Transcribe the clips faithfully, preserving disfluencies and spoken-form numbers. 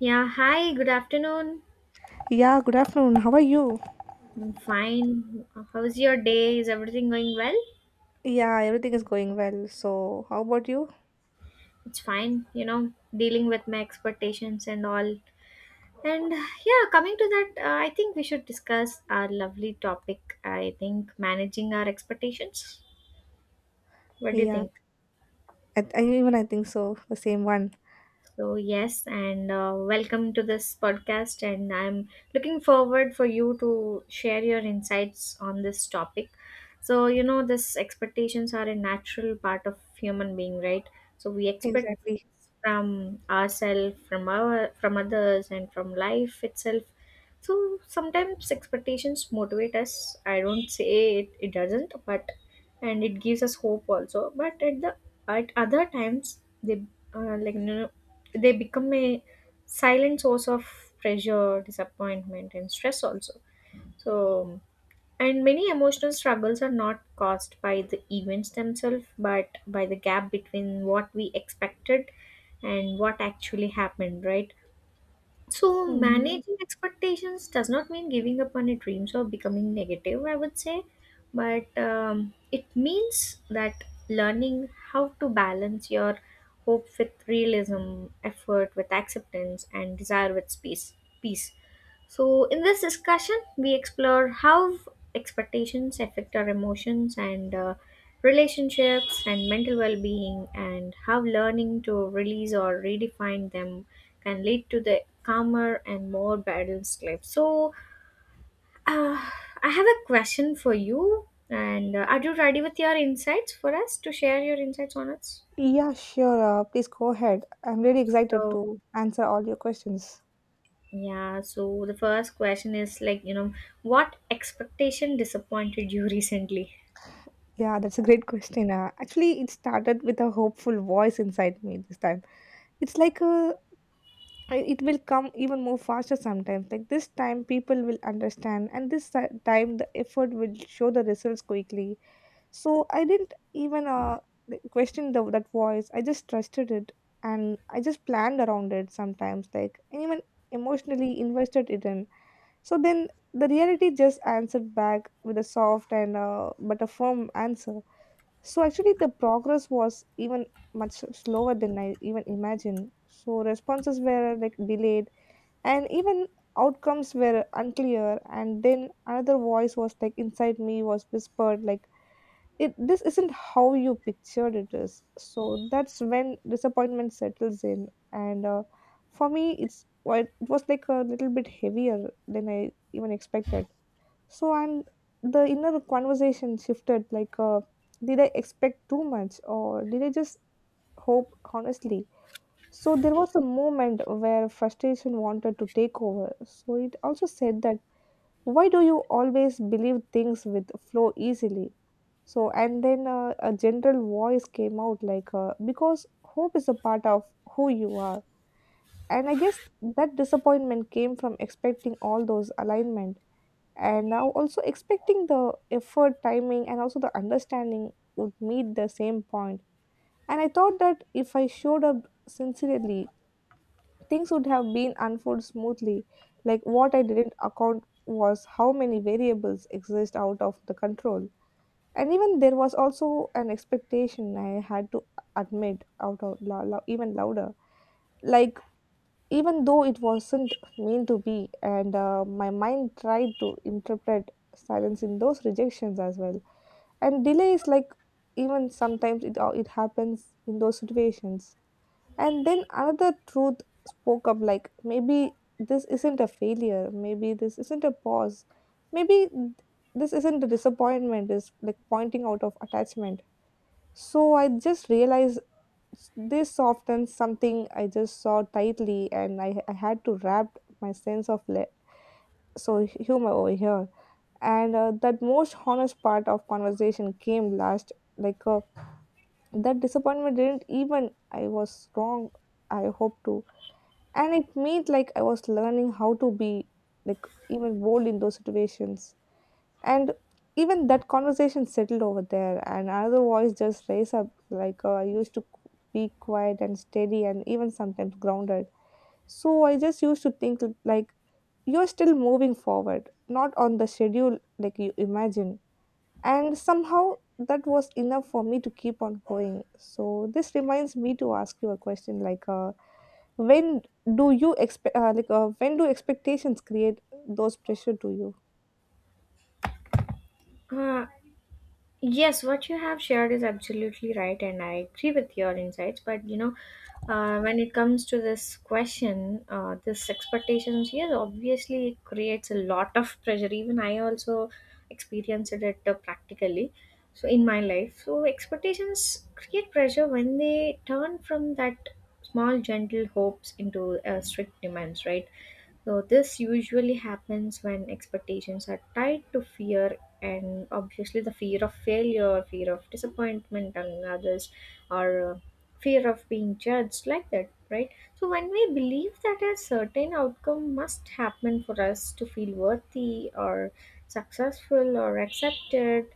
Yeah, hi, good afternoon. Yeah, good afternoon. How are you? I'm fine. How's your day? Is everything going well? Yeah, everything is going well. So, how about you? It's fine, you know, dealing with my expectations and all. And yeah, coming to that, uh, I think we should discuss our lovely topic. I think managing our expectations. What do you Yeah, think? I, I even I think so. The same one. So yes, and uh, welcome to this podcast. And I'm looking forward for you to share your insights on this topic. So you know, this expectations are a natural part of human being, right? So we expect Exactly. things from ourselves, from our, from others, and from life itself. So sometimes expectations motivate us. I don't say it, it doesn't, but and it gives us hope also. But at the at other times they uh, like you know, they become a silent source of pressure disappointment and stress also so and many emotional struggles are not caused by the events themselves but by the gap between what we expected and what actually happened, right? So Mm, managing expectations does not mean giving up on your dreams or becoming negative, I would say, but um, it means that learning how to balance your hope with realism, effort with acceptance, and desire with space, peace. So, in this discussion, we explore how expectations affect our emotions and uh, relationships and mental well being, and how learning to release or redefine them can lead to the calmer and more balanced life. So, uh, I have a question for you, and uh, are you ready with your insights for us to share your insights on us? yeah, sure. Uh, please go ahead. I'm really excited So, to answer all your questions. yeah, so the first question is like, you know, what expectation disappointed you recently? Yeah, that's a great question. Uh, actually, it started with a hopeful voice inside me this time. It's like a I- it will come even more faster sometimes. Like this time, people will understand, and this ti- time, the effort will show the results quickly. So I didn't even uh, th- question the, that voice. I just trusted it and I just planned around it sometimes, like, and even emotionally invested it in. So then the reality just answered back with a soft and uh, but a firm answer. So actually, the progress was even much slower than I even imagined. So responses were like delayed and even outcomes were unclear. And then another voice was like inside me was whispered like it this isn't how you pictured it is, so that's when disappointment settles in. And uh, For me, it's quite it was like a little bit heavier than I even expected. So and the inner conversation shifted like, uh, did I expect too much, or did I just hope honestly? So there was a moment where frustration wanted to take over, so it also said that why do you always believe things with flow easily? So and then uh, a general voice came out like, uh, because hope is a part of who you are. And I guess that disappointment came from expecting all those alignment, and now also expecting the effort, timing, and also the understanding would meet the same point point. And I thought that if I showed up sincerely, things would have been unfold smoothly. Like what I didn't account was how many variables exist out of the control. And even there was also an expectation I had to admit out of lou- lou- even louder. Like even though it wasn't meant to be, and uh, my mind tried to interpret silence in those rejections as well. And delay is like even sometimes it uh, it happens in those situations. And then another truth spoke up like, maybe this isn't a failure, maybe this isn't a pause, maybe this isn't a disappointment, is like pointing out of attachment. So I just realized this often something I just saw tightly, and I, I had to wrap my sense of le- so humor over here. And uh, that most honest part of conversation came last, like, uh, that disappointment didn't even I was wrong. I hope to, and it made like I was learning how to be like even bold in those situations. And even that conversation settled over there, and another voice just raised up like, uh, I used to qu- be quiet and steady and even sometimes grounded. So I just used to think like you're still moving forward, not on the schedule like you imagine. And somehow that was enough for me to keep on going. So this reminds me to ask you a question like, uh, when do you expect uh, like uh, when do expectations create those pressure to you? Uh, yes, what you have shared is absolutely right, and I agree with your insights. But you know, uh, when it comes to this question, uh, this expectations, yes, obviously it creates a lot of pressure. Even I also experienced it uh, practically, so in my life. So expectations create pressure when they turn from that small gentle hopes into uh, strict demands, right? So, this usually happens when expectations are tied to fear, and obviously, the fear of failure, fear of disappointment and others, or uh, fear of being judged, like that, right? So, when we believe that a certain outcome must happen for us to feel worthy or successful or accepted,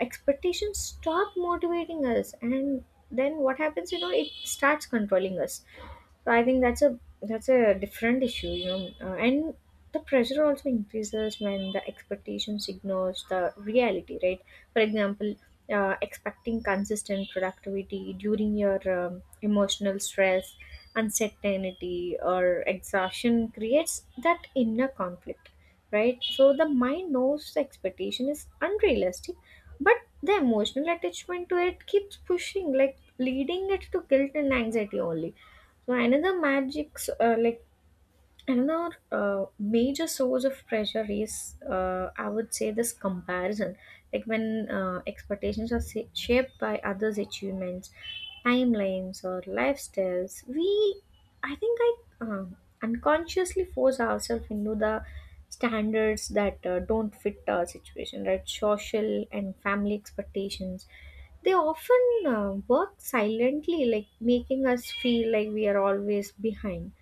expectations stop motivating us, and then what happens, you know, it starts controlling us so I think that's a that's a different issue, you know. Uh, and the pressure also increases when the expectation signals the reality, right? For example, uh, expecting consistent productivity during your um, emotional stress, uncertainty, or exhaustion creates that inner conflict, right? So the mind knows the expectation is unrealistic, but the emotional attachment to it keeps pushing, like leading it to guilt and anxiety only so another magic, s- uh, like another uh, major source of pressure is, uh, I would say, this comparison. Like when uh, expectations are sa- shaped by others' achievements, timelines, or lifestyles, we, I think, I uh, unconsciously force ourselves into the standards that uh, don't fit our situation, right? Social and family expectations they often uh, work silently, like making us feel like we are always behind.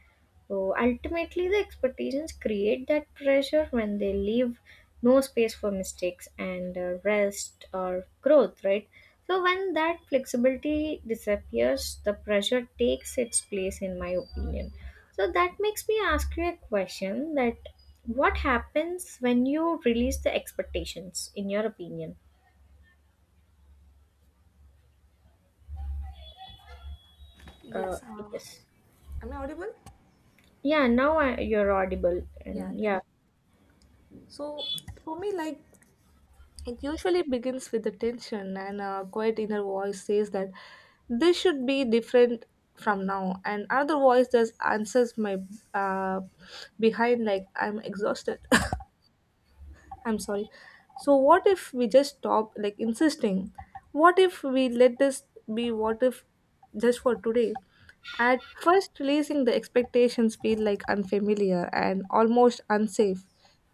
So ultimately, the expectations create that pressure when they leave no space for mistakes and uh, rest or growth, right? So when that flexibility disappears, the pressure takes its place, in my opinion. So that makes me ask you a question that what happens when you release the expectations in your opinion. uh, Yes, uh, yes. am I audible? Yeah, now I, you're audible. Yeah. And yeah, Then, so for me, like it usually begins with the tension, and a quiet inner voice says that this should be different from now, and another voice just answers my uh, behind like I'm exhausted. I'm sorry. So what if we just stop like insisting? What if we let this be, what if just for today? At first releasing the expectations feel like unfamiliar and almost unsafe.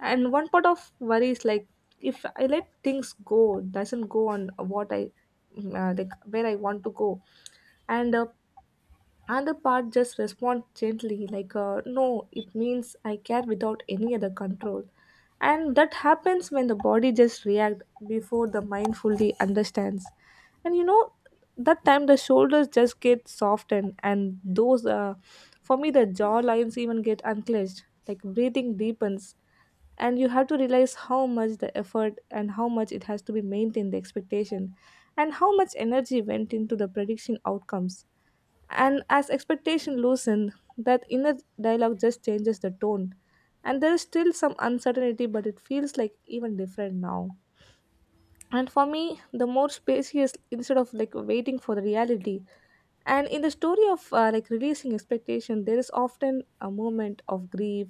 And one part of worry is like if I let things go, doesn't go on what I mm, uh, like where I want to go. And uh, Another part just respond gently, like, uh, no, it means I care without any other control. And that happens when the body just react before the mind fully understands. And you know, that time the shoulders just get softened and those, uh, for me, the jaw lines even get unclenched, like breathing deepens. And you have to realize how much the effort and how much it has to be maintained, the expectation, and how much energy went into the prediction outcomes. And as expectation loosened, that inner dialogue just changes the tone. And there is still some uncertainty, but it feels like even different now. And for me, the more spacious instead of like waiting for the reality. And in the story of uh, like releasing expectation, there is often a moment of grief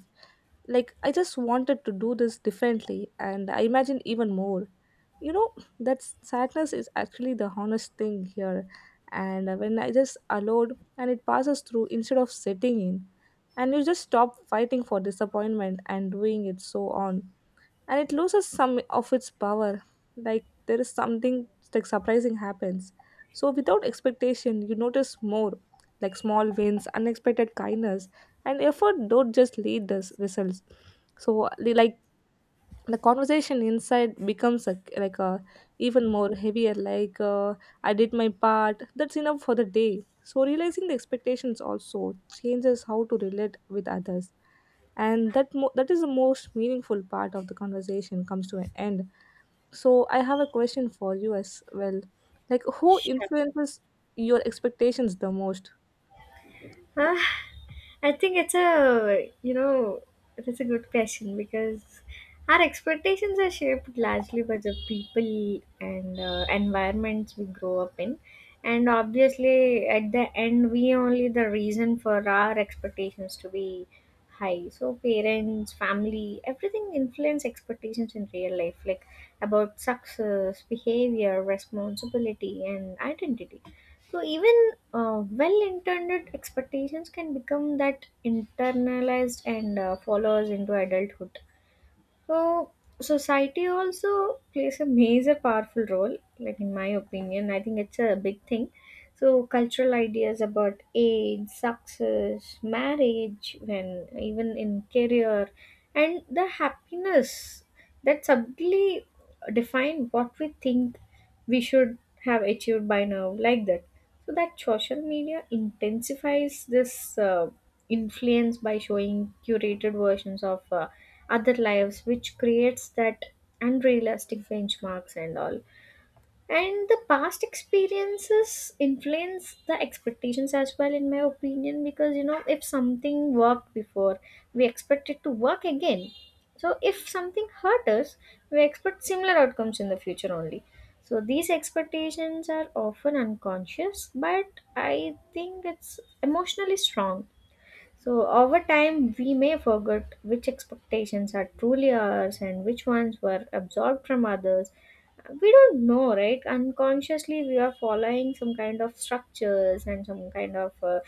like, I just wanted to do this differently, and I imagined even more. You know, that sadness is actually the honest thing here. And uh, when I just allowed and it passes through instead of setting in, and you just stop fighting for disappointment and doing it so on, and it loses some of its power. Like there is something like surprising happens. So without expectation you notice more, like small wins, unexpected kindness, and effort don't just lead this results. So li- like the conversation inside becomes a, like a even more heavier like, uh, I did my part, that's enough for the day. So realizing the expectations also changes how to relate with others. And that mo- that is the most meaningful part of the conversation comes to an end. So I have a question for you as well, like who sure. influences your expectations the most? Uh, I think it's a, you know, it's a good question because our expectations are shaped largely by the people and uh, environments we grow up in. And obviously, at the end, we only the reason for our expectations to be high. So, parents, family, everything influence expectations in real life, like about success, behavior, responsibility, and identity so even uh, well-intended expectations can become that internalized and uh, follows into adulthood. So society also plays a major powerful role, like in my opinion. I think it's a big thing. So cultural ideas about age, success, marriage, and even in career and the happiness that subtly define what we think we should have achieved by now, like that. So that social media intensifies this uh, influence by showing curated versions of uh, other lives which creates that unrealistic benchmarks and all and the past experiences influence the expectations as well in my opinion because you know if something worked before we expect it to work again so if something hurt us we expect similar outcomes in the future only so these expectations are often unconscious but I think it's emotionally strong so, over time, we may forget which expectations are truly ours and which ones were absorbed from others. We don't know, right? Unconsciously, we are following some kind of structures and some kind of uh,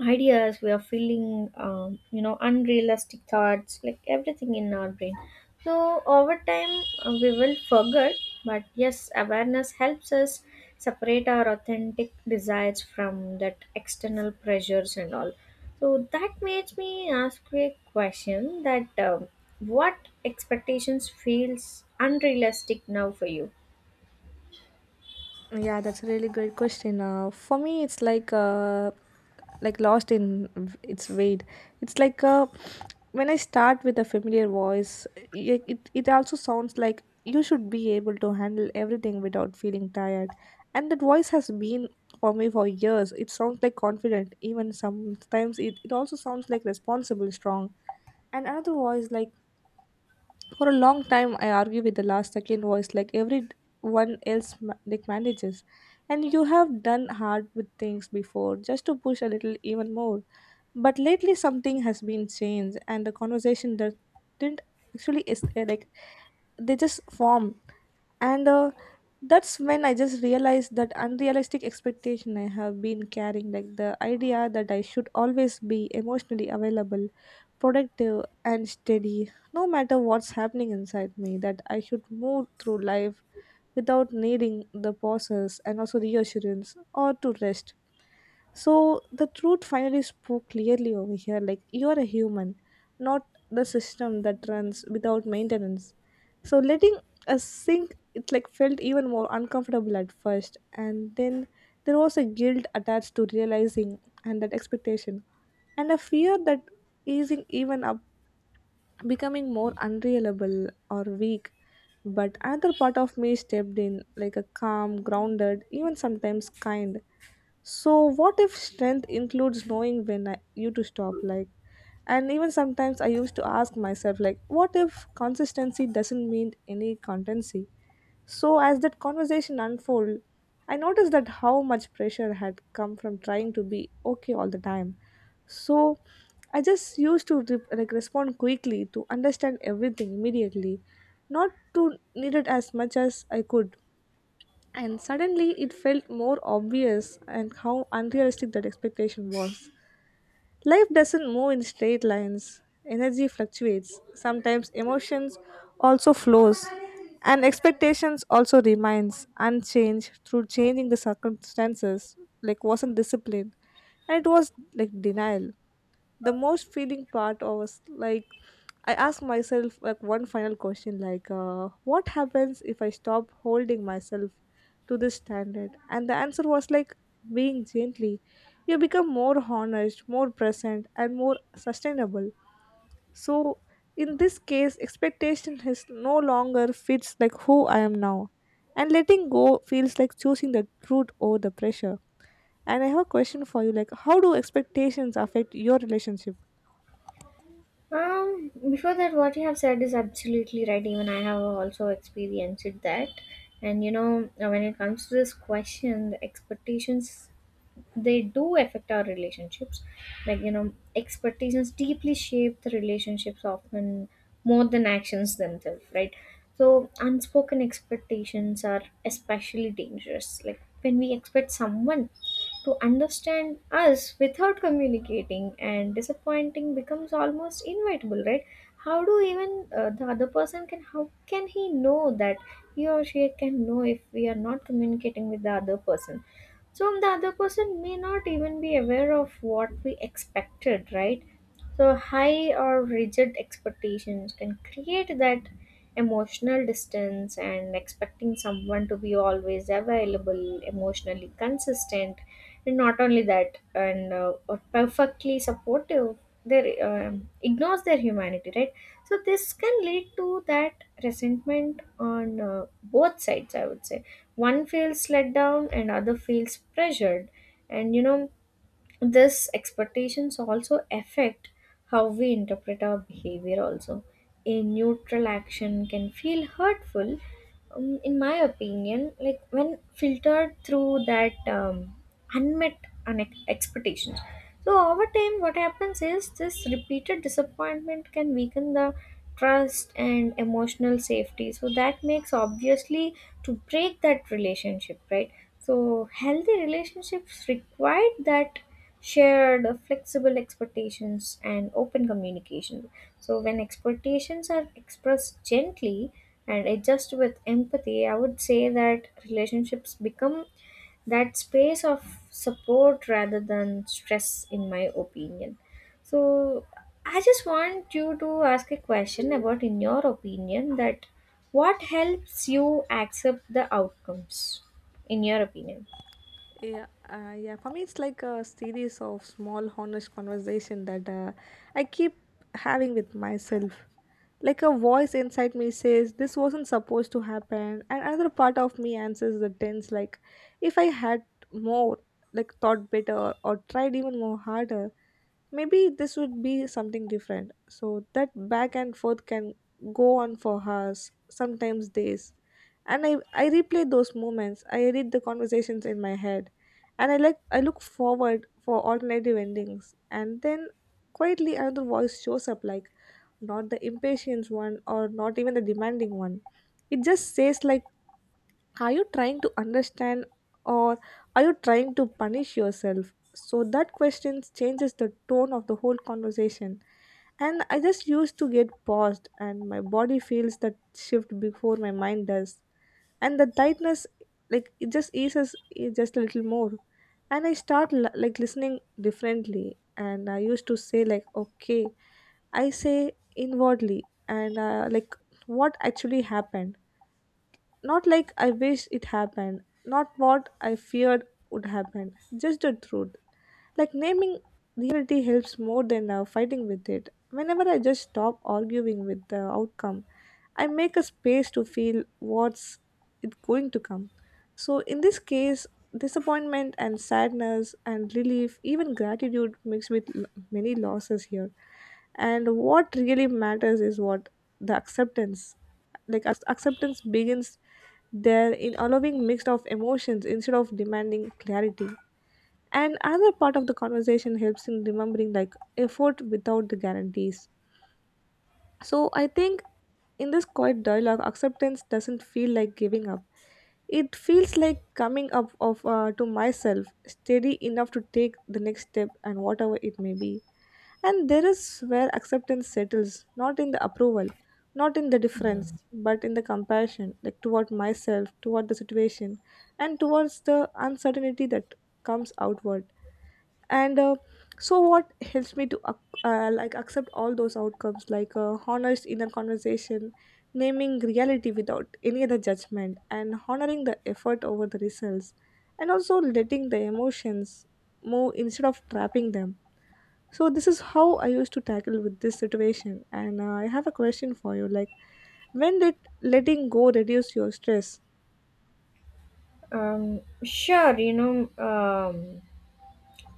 ideas we are feeling um, you know unrealistic thoughts like everything in our brain so over time uh, we will forget but yes awareness helps us separate our authentic desires from that external pressures and all so that makes me ask you a question that um, what expectations feels unrealistic now for you. Yeah, that's a really great question. Uh, for me, it's like uh, like lost in v- its weight. It's like uh, when I start with a familiar voice, it, it it also sounds like you should be able to handle everything without feeling tired. And that voice has been for me for years. It sounds like confident. Even sometimes it, it also sounds like responsible, strong. And another voice like for a long time, I argue with the last second voice like everyone else ma- like manages. And you have done hard with things before just to push a little even more. But lately, something has been changed, and the conversation that didn't actually is uh, like they just form. And uh, That's when I just realized that unrealistic expectation I have been carrying, like the idea that I should always be emotionally available, productive, and steady, no matter what's happening inside me, that I should move through life without needing the pauses and also reassurance or to rest. So the truth finally spoke clearly over here like you're a human, not the system that runs without maintenance. So letting us sink it like felt even more uncomfortable at first, and then there was a guilt attached to realizing and that expectation, and a fear that easing even up becoming more unreliable or weak. But another part of me stepped in like a calm, grounded, even sometimes kind. So what if strength includes knowing when I, you to stop like? And even sometimes I used to ask myself like what if consistency doesn't mean any constancy? So as that conversation unfolded, I noticed that how much pressure had come from trying to be okay all the time. So I just used to re- like respond quickly to understand everything immediately, not to need it as much as I could. And suddenly it felt more obvious and how unrealistic that expectation was. Life doesn't move in straight lines. Energy fluctuates. Sometimes emotions also flows, and expectations also remains unchanged through changing the circumstances, like wasn't discipline, and it was like denial. The most feeling part was like I ask myself like one final question like, uh, what happens if I stop holding myself to this standard? And the answer was like being gently, you become more honest, more present, and more sustainable. So in this case expectation is no longer fits like who I am now, and letting go feels like choosing the truth over the pressure. And I have a question for you like how do expectations affect your relationship? Um, before that, what you have said is absolutely right. Even I have also experienced that. And you know, when it comes to this question, the expectations they do affect our relationships like you know expectations deeply shape the relationships often more than actions themselves, right? So unspoken expectations are especially dangerous like when we expect someone to understand us without communicating and disappointing becomes almost inevitable, right? How do even uh, the other person can how can he know that he or she can know if we are not communicating with the other person so um, the other person may not even be aware of what we expected, right? So, high or rigid expectations can create that emotional distance, and expecting someone to be always available, emotionally consistent, and not only that, and uh, or perfectly supportive, they um, ignores their humanity, right? So, this can lead to that resentment on uh, both sides, I would say. One feels let down, and other feels pressured, and you know this expectations also affect how we interpret our behavior also a neutral action can feel hurtful um, in my opinion like when filtered through that um, unmet unex- expectations so over time, what happens is this repeated disappointment can weaken the trust and emotional safety. So that makes obviously to break that relationship, right? So healthy relationships require that shared flexible expectations and open communication. So when expectations are expressed gently and adjust with empathy, I would say that relationships become that space of support rather than stress in my opinion so I just want you to ask a question about in your opinion that what helps you accept the outcomes in your opinion. Yeah, uh, yeah. For me, it's like a series of small, honest conversation that uh, I keep having with myself. Like a voice inside me says, "This wasn't supposed to happen," and another part of me answers the tense, like, "If I had more, like, thought better or tried even more harder." Maybe this would be something different, so that back and forth can go on for hours, sometimes days. And i i replay those moments, I edit the conversations in my head. And i like i look forward for alternative endings, and then quietly another voice shows up, like not the impatient one or not even the demanding one. It just says, like, are you trying to understand, or are you trying to punish yourself? So that question changes the tone of the whole conversation. And I just used to get paused, and my body feels that shift before my mind does. And the tightness, like, it just eases, it just a little more. And I start l- like listening differently. And I used to say, like, okay, I say inwardly, and uh, like, what actually happened? Not like I wish it happened, not what I feared would happen, just the truth. Like naming reality helps more than uh, fighting with it. Whenever I just stop arguing with the outcome, I make a space to feel what's it going to come. So in this case, disappointment and sadness and relief, even gratitude mixed with l- many losses here. And what really matters is what the acceptance, like ac- acceptance begins there in allowing mix of emotions instead of demanding clarity. And another part of the conversation helps in remembering, like, effort without the guarantees. So I think in this quiet dialogue acceptance doesn't feel like giving up, it feels like coming up of uh, to myself, steady enough to take the next step, and whatever it may be. And there is where acceptance settles, not in the approval, not in the difference, but in the compassion, like toward myself, toward the situation, and towards the uncertainty that comes outward. And uh, so, what helps me to ac- uh, like accept all those outcomes, like, uh, honest inner conversation, naming reality without any other judgment, and honoring the effort over the results, and also letting the emotions move instead of trapping them. So this is how I used to tackle with this situation. And uh, I have a question for you, like, when did letting go reduce your stress? Um, sure, you know, um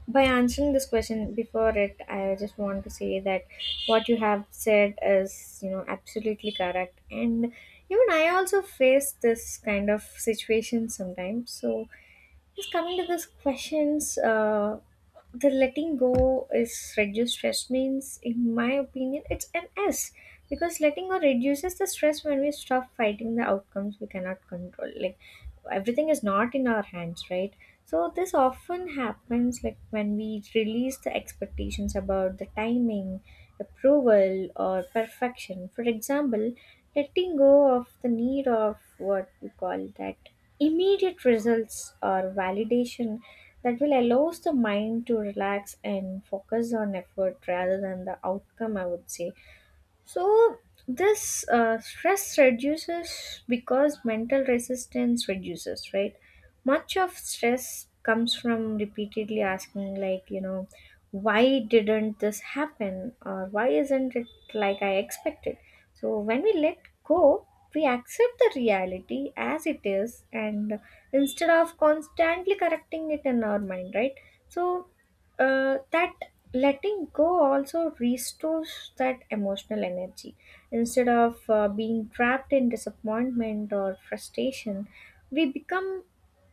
by answering this question before it I just want to say that what you have said is you know absolutely correct and even I also face this kind of situation sometimes so Just coming to these questions, uh, the letting go is reduce stress means, in my opinion, it's an S because letting go reduces the stress when we stop fighting the outcomes we cannot control. Like everything is not in our hands, right? So this often happens like when we release the expectations about the timing, approval, or perfection. For example, letting go of the need of what we call that immediate results or validation that will allows the mind to relax and focus on effort rather than the outcome I would say so this uh, stress reduces because mental resistance reduces, right? Much of stress comes from repeatedly asking, like, you know, why didn't this happen or why isn't it like I expected? So when we let go, we accept the reality as it is and instead of constantly correcting it in our mind, right? So uh, that letting go also restores that emotional energy. Instead of uh, being trapped in disappointment or frustration, we become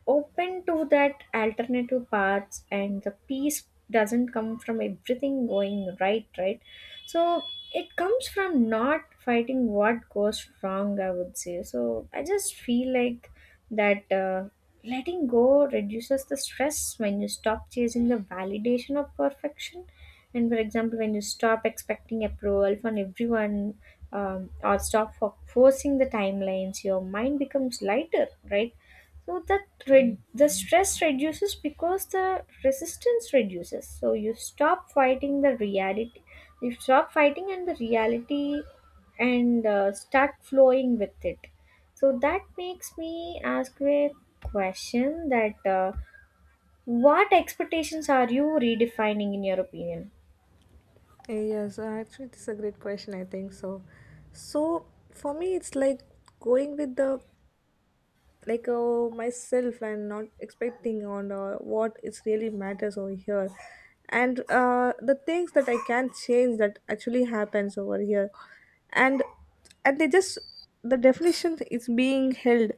open to that alternative paths, and the peace doesn't come from everything going right, right? So it comes from not fighting what goes wrong, I would say. So I just feel like that uh, letting go reduces the stress when you stop chasing the validation of perfection. And for example, when you stop expecting approval from everyone um, or stop for forcing the timelines, your mind becomes lighter, right? So that re- the stress reduces because the resistance reduces. So you stop fighting the reality. You stop fighting and the reality, and uh, start flowing with it. So that makes me ask you a question: that uh, what expectations are you redefining in your opinion? Yes, uh, actually, this is a great question, I think so. So, for me, it's like going with the, like, uh, myself, and not expecting on uh, what is really matters over here, and uh, the things that I can change that actually happens over here. And and they just, the definition is being held.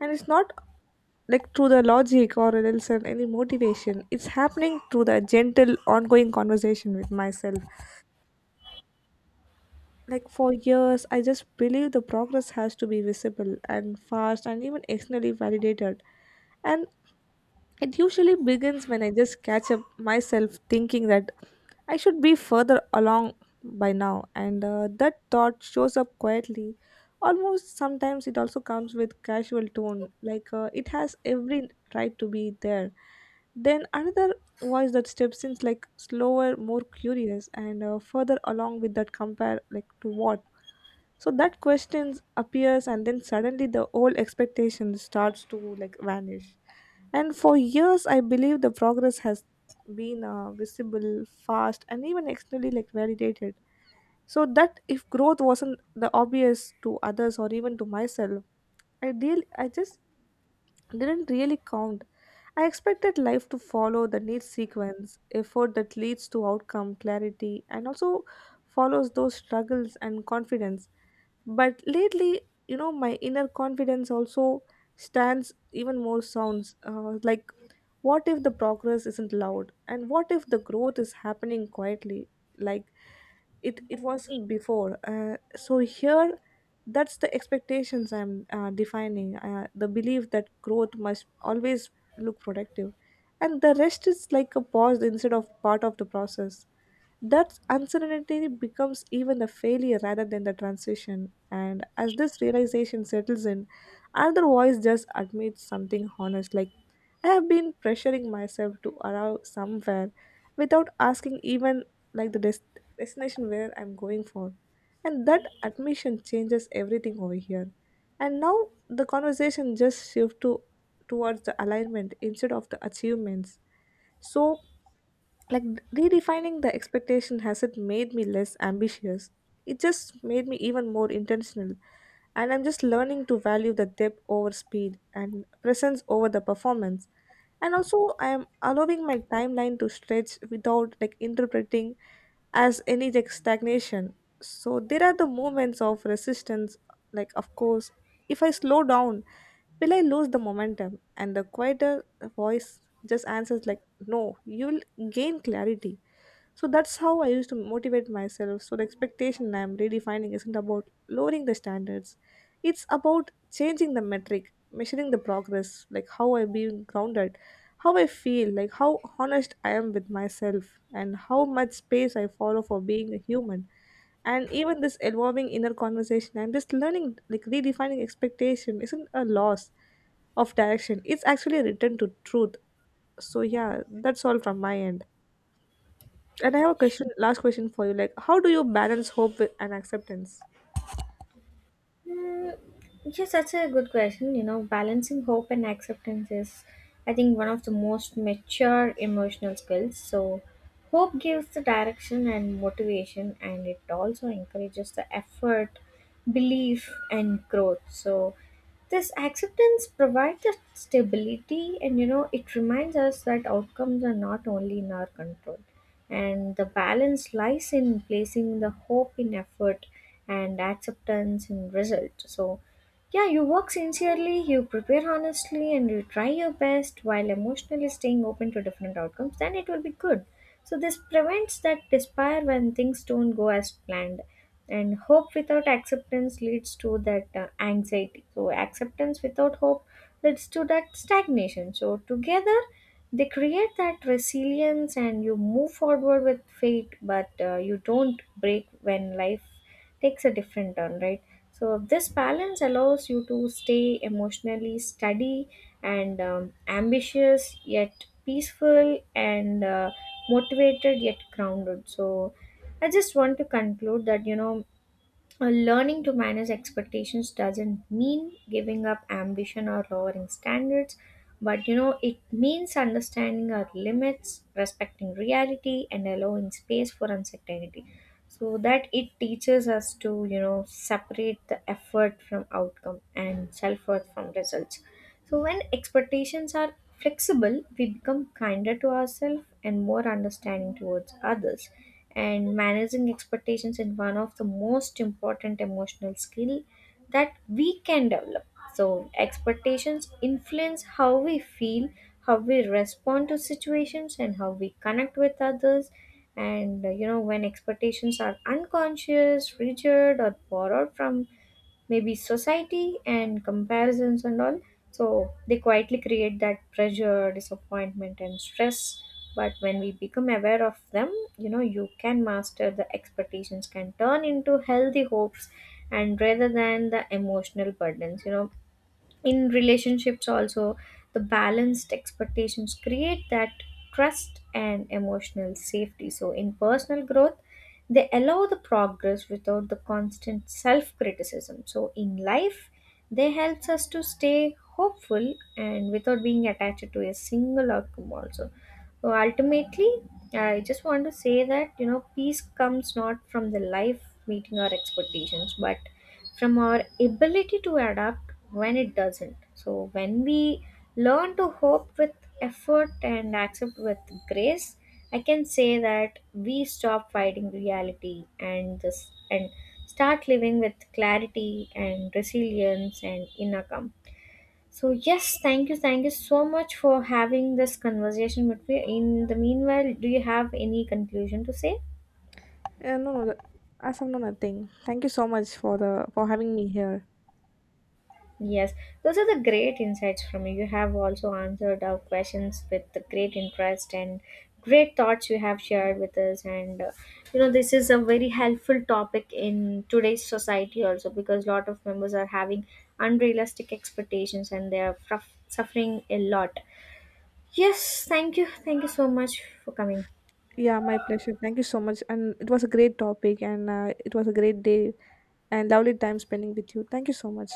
And it's not like through the logic or else and any motivation, it's happening through the gentle ongoing conversation with myself. Like for years I just believe the progress has to be visible and fast and even externally validated. And it usually begins when I just catch up myself thinking that I should be further along by now, and uh, that thought shows up quietly. Almost sometimes it also comes with casual tone, like, uh, it has every right to be there. Then another voice that steps in, like slower, more curious, and uh, further along with that compare, like to what. So that question appears, and then suddenly the old expectation starts to like vanish. And for years, I believe the progress has been uh, visible, fast, and even externally like validated. So that if growth wasn't the obvious to others or even to myself, I deal I just didn't really count. I expected life to follow the neat sequence, effort that leads to outcome, clarity, and also follows those struggles and confidence. But lately, you know, my inner confidence also stands even more sounds, uh, like, what if the progress isn't loud, and what if the growth is happening quietly, like it it wasn't before. Uh, so here, that's the expectations I'm uh, defining, uh, the belief that growth must always look productive, and the rest is like a pause instead of part of the process, that uncertainty becomes even the failure rather than the transition. And as this realization settles in, another voice just admits something honest like, I have been pressuring myself to arrive somewhere without asking even, like, the des- destination where I'm going for. And that admission changes everything over here. And now the conversation just shifts to towards the alignment instead of the achievements. So, like, redefining the expectation hasn't made me less ambitious, it just made me even more intentional. And I'm just learning to value the depth over speed and presence over the performance. And also I am allowing my timeline to stretch without like interpreting as any like stagnation. So there are the moments of resistance, like, of course, if I slow down, will I lose the momentum? And the quieter voice just answers like, no, you'll gain clarity. So that's how I used to motivate myself. So the expectation I'm redefining isn't about lowering the standards, it's about changing the metric, measuring the progress, like how I'm being grounded, how I feel, like how honest I am with myself, and how much space I follow for being a human. And even this evolving inner conversation and this learning, like redefining expectation isn't a loss of direction, it's actually a return to truth. So yeah, that's all from my end. And I have a question, last question for you, like, how do you balance hope with and acceptance? Mm, yes, that's a good question. You know, balancing hope and acceptance is, I think, one of the most mature emotional skills. So, hope gives the direction and motivation, and it also encourages the effort, belief, and growth. So, this acceptance provides us stability and you know it reminds us that outcomes are not only in our control and the balance lies in placing the hope in effort and acceptance in result so yeah you work sincerely you prepare honestly and you try your best while emotionally staying open to different outcomes then it will be good so this prevents that despair when things don't go as planned and hope without acceptance leads to that uh, anxiety so acceptance without hope leads to that stagnation so together they create that resilience and you move forward with faith but uh, you don't break when life takes a different turn, right? So this balance allows you to stay emotionally steady and um, ambitious yet peaceful and uh, motivated yet grounded so I just want to conclude that you know uh, learning to manage expectations doesn't mean giving up ambition or lowering standards, but you know, it means understanding our limits, respecting reality, and allowing space for uncertainty so that it teaches us to, you know, separate the effort from outcome and self worth from results. So, when expectations are flexible, we become kinder to ourselves and more understanding towards others. And managing expectations is one of the most important emotional skill that we can develop. So, expectations influence how we feel, how we respond to situations, and how we connect with others. And uh, you know, when expectations are unconscious, rigid, or borrowed from maybe society and comparisons and all so they quietly create that pressure disappointment and stress but when we become aware of them you know you can master the expectations can turn into healthy hopes and rather than the emotional burdens you know in relationships also the balanced expectations create that trust and emotional safety so in personal growth they allow the progress without the constant self criticism so in life they helps us to stay hopeful and without being attached to a single outcome also so ultimately I just want to say that you know peace comes not from the life meeting our expectations but from our ability to adapt when it doesn't. So, when we learn to hope with effort and accept with grace, I can say that we stop fighting reality and just and start living with clarity and resilience and inner calm. So yes, thank you, thank you so much for having this conversation with me. In the meanwhile, do you have any conclusion to say? Yeah, no no that- as of now nothing. Thank you so much for the for having me here. Yes, those are the great insights from you. You have also answered our questions with the great interest and great thoughts you have shared with us. And uh, you know, this is a very helpful topic in today's society also because a lot of members are having unrealistic expectations and they are fruff- suffering a lot. Yes, thank you. Thank you so much for coming. Yeah, my pleasure, thank you so much. And it was a great topic, and uh, it was a great day, and lovely time spending with you. Thank you so much.